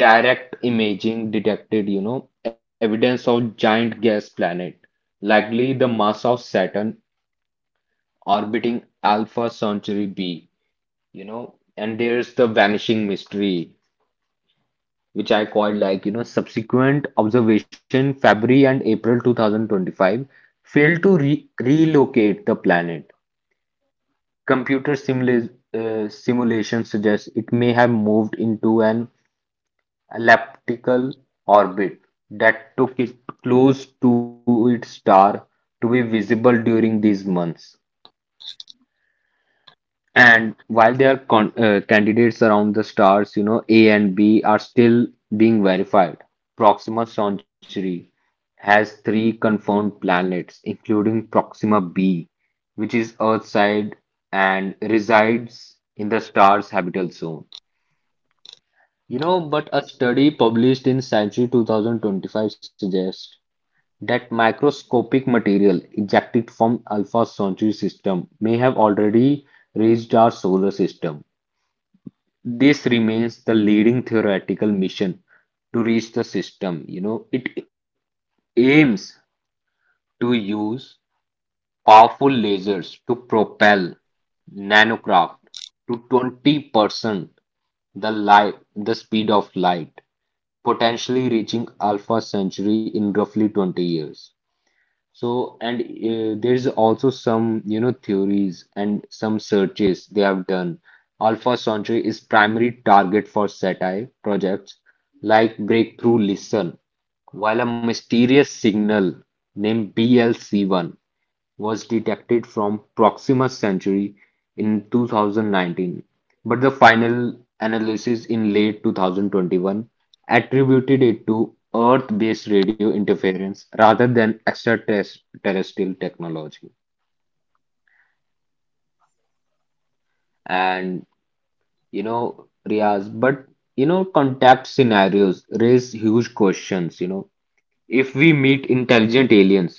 A: Direct imaging detected, evidence of giant gas planet, likely the mass of Saturn orbiting Alpha Centauri b, and there's the vanishing mystery, which I quite like. Subsequent observation February and April 2025 failed to re relocate the planet. Computer simulation suggests it may have moved into an elliptical orbit that took it close to its star to be visible during these months. And while there are candidates around the stars, A and B are still being verified. Proxima Centauri has three confirmed planets, including Proxima b, which is Earth side and resides in the star's habitable zone. But a study published in Science 2025 suggests that microscopic material ejected from Alpha Centauri system may have already reached our solar system. This remains the leading theoretical mission to reach the system. It aims to use powerful lasers to propel nanocraft to 20% the the speed of light, potentially reaching Alpha Centauri in roughly 20 years. So, and There's also some, theories and some searches they have done. Alpha Sanctuary is primary target for satire projects like Breakthrough Listen, while a mysterious signal named BLC1 was detected from Proxima Centauri in 2019, but the final analysis in late 2021 attributed it to Earth-based radio interference rather than extraterrestrial technology. And you know, Riaz, but contact scenarios raise huge questions. If we meet intelligent aliens,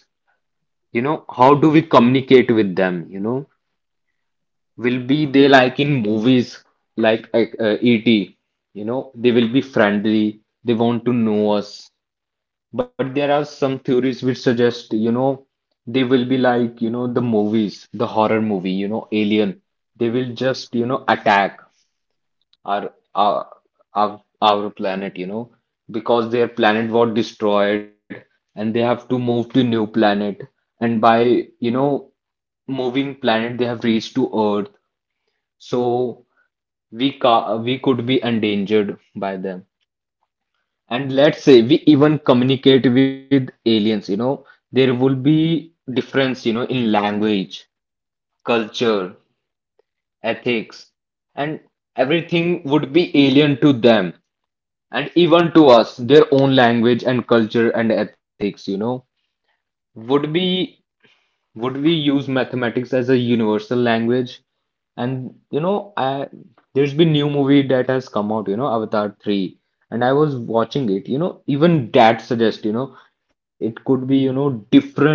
A: how do we communicate with them, Will be they like in movies like ET. You know, they will be friendly, they want to know us. But there are some theories which suggest, they will be like, the movies, the horror movie, Alien. They will just, attack our our planet, because their planet was destroyed and they have to move to new planet. And by moving planet, they have reached to Earth. So we could be endangered by them. And let's say we even communicate with aliens, there will be difference, in language, culture, ethics, and everything would be alien to them and even to us, their own language and culture and ethics, would be, would we use mathematics as a universal language? And you know, I there's been new movie that has come out, Avatar 3, and I was watching it, even that suggests, it could be, different,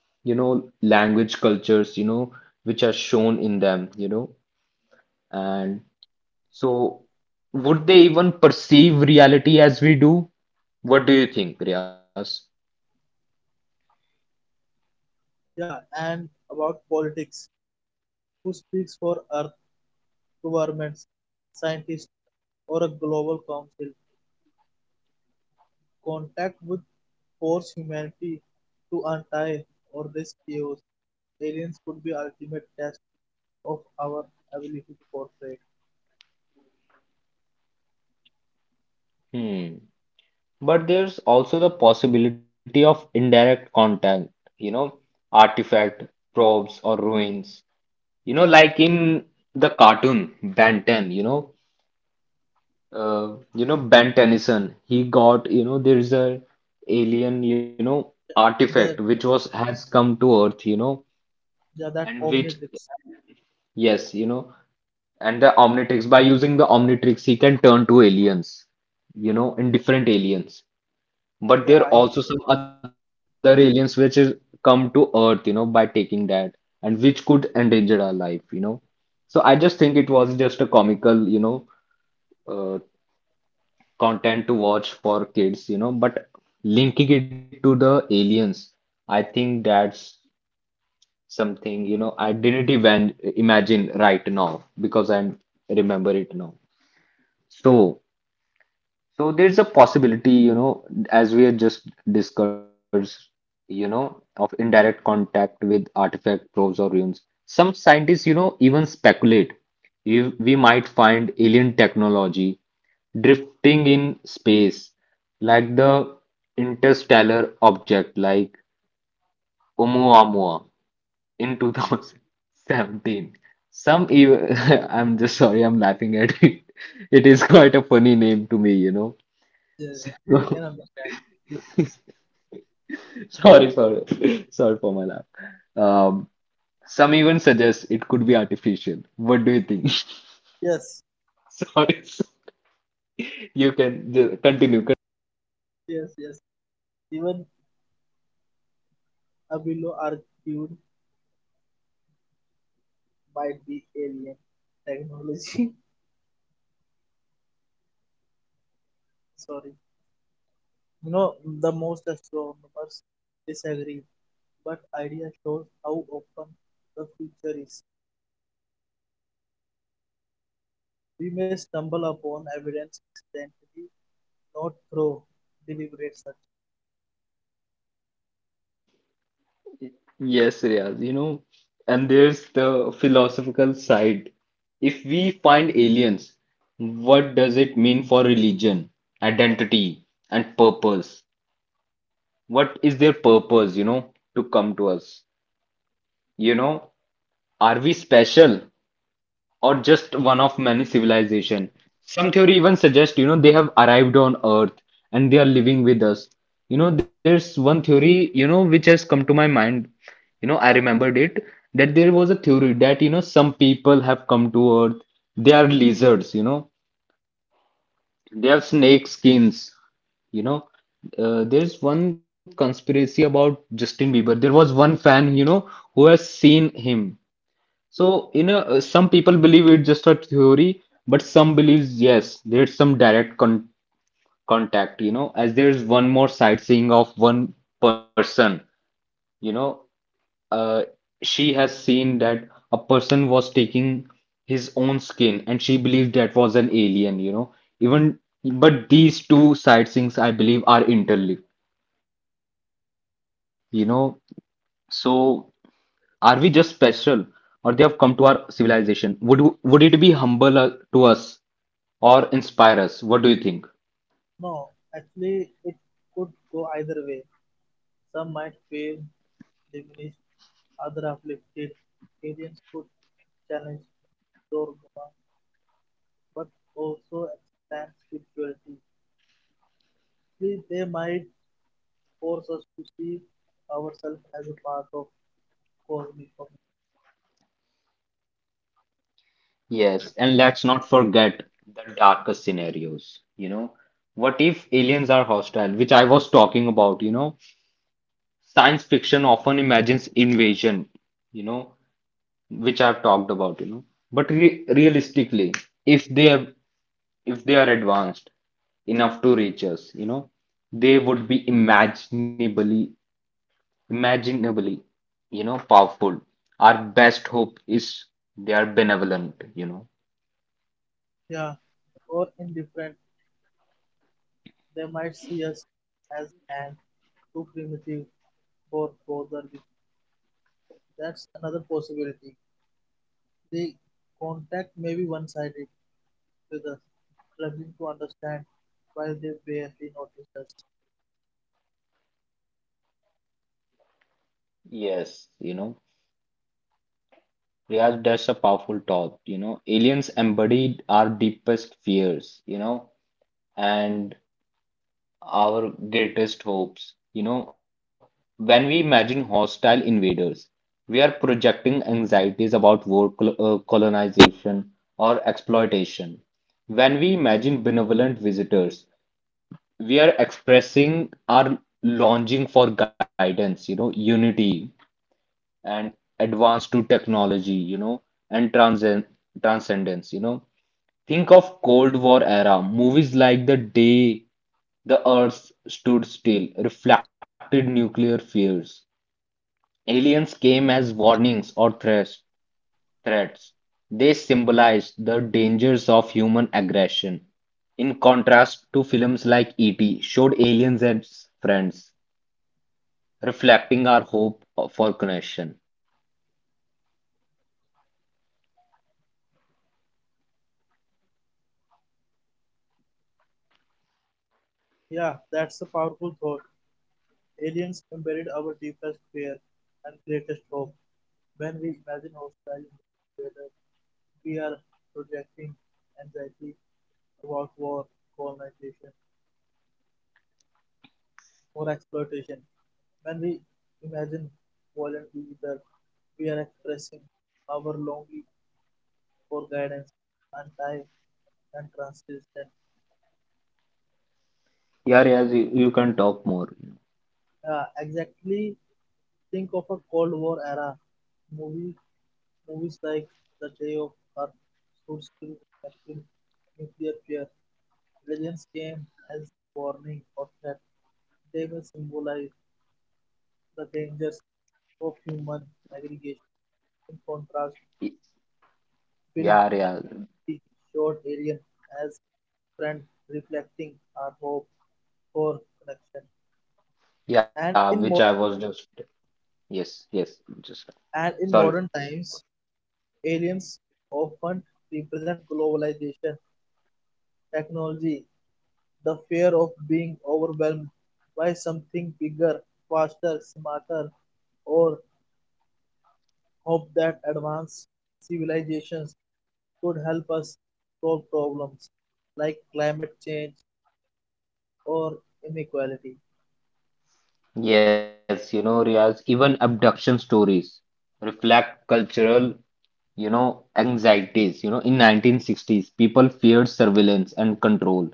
A: language cultures, which are shown in them, and so would they even perceive reality as we do? What do you think, Riaz?
B: Yeah, and about politics. Who speaks for Earth governments, scientists, or a global council? Contact would force humanity to untie or risk chaos. Aliens could be ultimate test of our ability to cooperate.
A: Hmm. But there's also the possibility of indirect contact, you know, artifact, probes, or ruins. You know, like in the cartoon Ben 10, you know Ben Tennyson. He got, there's a alien, artifact
B: They're,
A: which was has come to Earth, you know,
B: they're that
A: and which
B: omnitrix.
A: yes, you know, and the Omnitrix by using the Omnitrix, he can turn to aliens, in different aliens. But
B: Yeah,
A: there are
B: I,
A: also some other aliens which is come to Earth, by taking that, and which could endanger our life, So I just think it was just a comical, uh, content to watch for kids, you know. But linking it to the aliens, I think that's something, I didn't even imagine right now because I remember it now. So. So there's a possibility, as we had just discussed, of indirect contact with artifact probes or ruins. Some scientists, even speculate if we might find alien technology drifting in space, like the interstellar object like Oumuamua in 2017. Some even, I'm just sorry, I'm laughing at it. It is quite a funny name to me, you
B: yeah, I
A: know.
B: can understand.
A: Sorry, sorry, sorry for my laugh. Um, some even suggest it could be artificial. What do you think?
B: Yes,
A: Sorry, sorry. You can continue.
B: yes. Even Abilo argued might be alien technology. Sorry. You know, the most astronomers disagree, but idea shows how open the future is. We may stumble upon evidence accidentally, not through deliberate search.
A: Yes, Riaz, and there's the philosophical side. If we find aliens, what does it mean for religion, identity, and purpose? What is their purpose, to come to us? You know, are we special or just one of many civilization? Some theory even suggest, they have arrived on Earth and they are living with us. You know, there's one theory, which has come to my mind. You know, I remembered it that there was a theory that, some people have come to Earth. They are lizards, they have snake skins, you know. There's one conspiracy about Justin Bieber. There was one fan, who has seen him so, some people believe it's just a theory, but some believes yes, there's some direct contact, as there's one more sightseeing of one person, you know, uh, she has seen that a person was taking his own skin and she believed that was an alien, even, but these two sightseeings, I believe, are interlinked, you know, so. Are we just special, or they have come to our civilization? Would it be humble to us or inspire us? What do you think?
B: No, actually, it could go either way. Some might feel diminished, other uplifted. Aliens could challenge dogma, but also expand spirituality. See, they might force us to see ourselves as a part of cosmic community.
A: Yes, and let's not forget the darkest scenarios. What if aliens are hostile, which I was talking about? You know, science fiction often imagines invasion. You know, which I've talked about. But re realistically, if they, if they are advanced enough to reach us, they would be imaginably, imaginably, powerful. Our best hope is they are benevolent, you know.
B: Yeah, or indifferent, they might see us as ants too primitive for further that's another possibility. The contact may be one-sided, with us struggling to understand why they barely notice us.
A: Yes, you know, Riyaz, that's a powerful thought. You know, aliens embodied our deepest fears, and our greatest hopes. When we imagine hostile invaders, we are projecting anxieties about war, colonization, or exploitation. When we imagine benevolent visitors, we are expressing our longing for guidance, unity and advance to technology, and transcendence, you know. Think of Cold War era movies like The Day the Earth stood still, reflected nuclear fears. Aliens came as warnings or threats. They symbolized the dangers of human aggression. In contrast to films like E.T., showed aliens as friends, reflecting our hope for connection.
B: Yeah, that's a powerful thought. Aliens embodied our deepest fear and greatest hope. When we imagine hostile together, we are projecting anxiety about war, colonization, more exploitation. When we imagine violent either, we are expressing our longing for guidance and time and transition.
A: Yeah, Riaz, you can talk more.
B: Exactly, think of a Cold War era movie, movies like The Day of Earth should still reflect nuclear fear. Aliens came as warning or threat. They may symbolize the dangers of human aggregation in contrast Bill
A: Yeah, yeah,
B: Nighy showed Alien as a friend, reflecting our hope for connection.
A: yeah,
B: And
A: which
B: in,
A: I
B: mo-
A: was just. Yes, yes, just.
B: and in
A: Sorry.
B: modern times, aliens often represent globalization, technology, the fear of being overwhelmed by something bigger, faster, smarter, or hope that advanced civilizations could help us solve problems like climate change or inequality.
A: Yes, you know, Riaz, even abduction stories reflect cultural, anxieties. You know, in 1960s, people feared surveillance and control,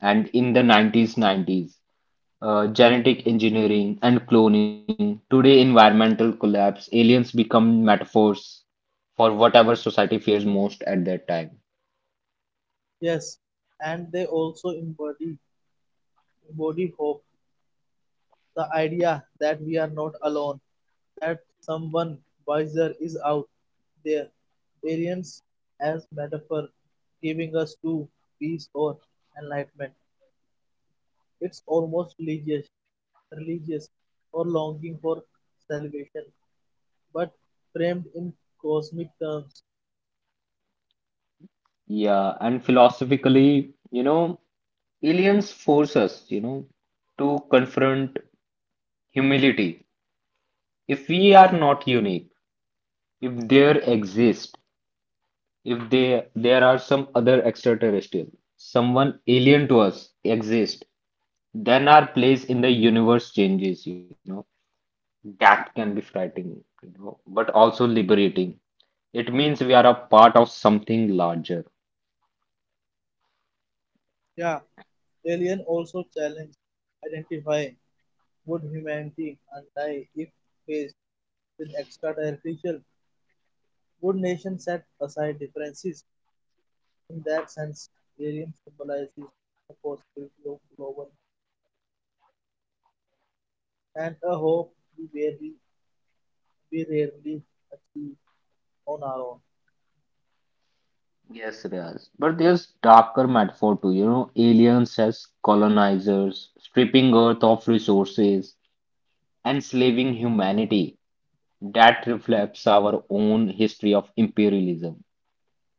A: and in the 90s, genetic engineering and cloning. Today, environmental collapse, aliens become metaphors for whatever society fears most at that time.
B: Yes, and they also embody hope, the idea that we are not alone, that someone wiser is out there. Aliens as metaphor, giving us to peace or enlightenment. It's almost religious or longing for salvation, but framed in cosmic terms.
A: Yeah, and philosophically, aliens force us, to confront humility. If we are not unique, if there exist, if they, there are some other extraterrestrial, someone alien to us exist, then our place in the universe changes, you know. That can be frightening, but also liberating. It means we are a part of something larger.
B: Yeah, alien also challenge identify. Would humanity unite if faced with extraterrestrial? Would nations set aside differences? In that sense, Arian symbolizes a positive global and a hope we rarely, we rarely achieve on our own.
A: Yes, Riaz. But there's darker metaphor too, aliens as colonizers, stripping Earth of resources, enslaving humanity, that reflects our own history of imperialism.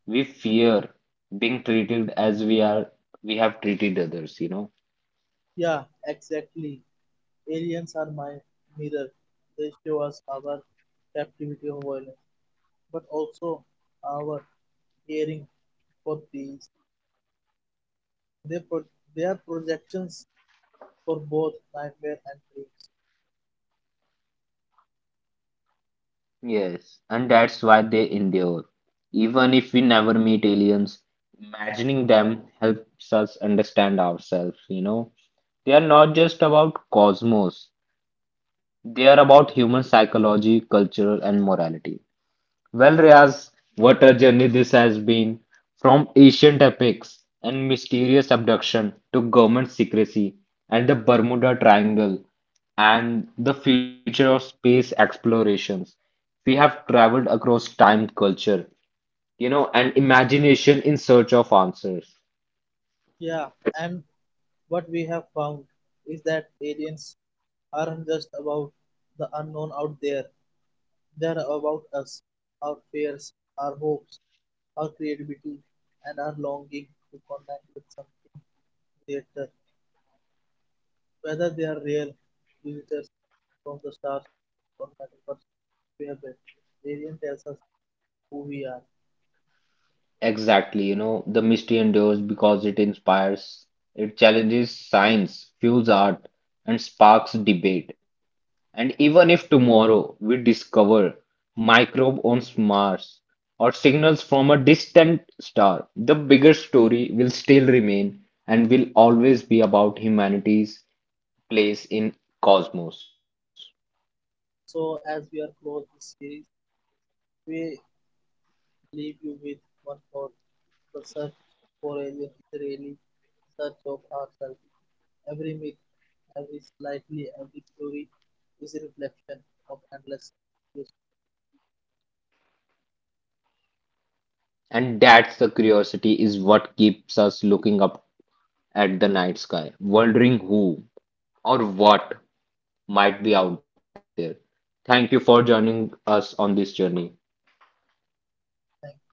A: We fear being treated as we have treated others, you know.
B: Yeah, exactly. Aliens are my mirror. They show us our captivity of violence, but also our yearning for peace. They, pro- they are projections for both nightmare and dreams.
A: Yes, and that's why they endure. Even if we never meet aliens, imagining them helps us understand ourselves, you know. They are not just about cosmos, they are about human psychology, culture, and morality. Well, Riaz, what a journey this has been from ancient epics and mysterious abduction to government secrecy and the Bermuda Triangle and the future of space explorations. We have traveled across time, culture, and imagination in search of answers.
B: Yeah, and what we have found is that aliens aren't just about the unknown out there, they're about us, our fears, our hopes, our creativity, and our longing to connect with something greater. Whether they are real visitors from the stars or metaphors we have been, the alien tells us who we are.
A: Exactly, the mystery endures because it inspires, it challenges science, fuels art, and sparks debate. And even if tomorrow we discover microbe on Mars or signals from a distant star, the bigger story will still remain and will always be about humanity's place in cosmos.
B: So, as we are close this series, we leave you with one thought, the search for aliens is really a search of ourselves. Every myth, every slightly, every theory is a reflection of endless questions.
A: And that's the curiosity is what keeps us looking up at the night sky, wondering who or what might be out there. Thank you for joining us on this journey.
B: Thank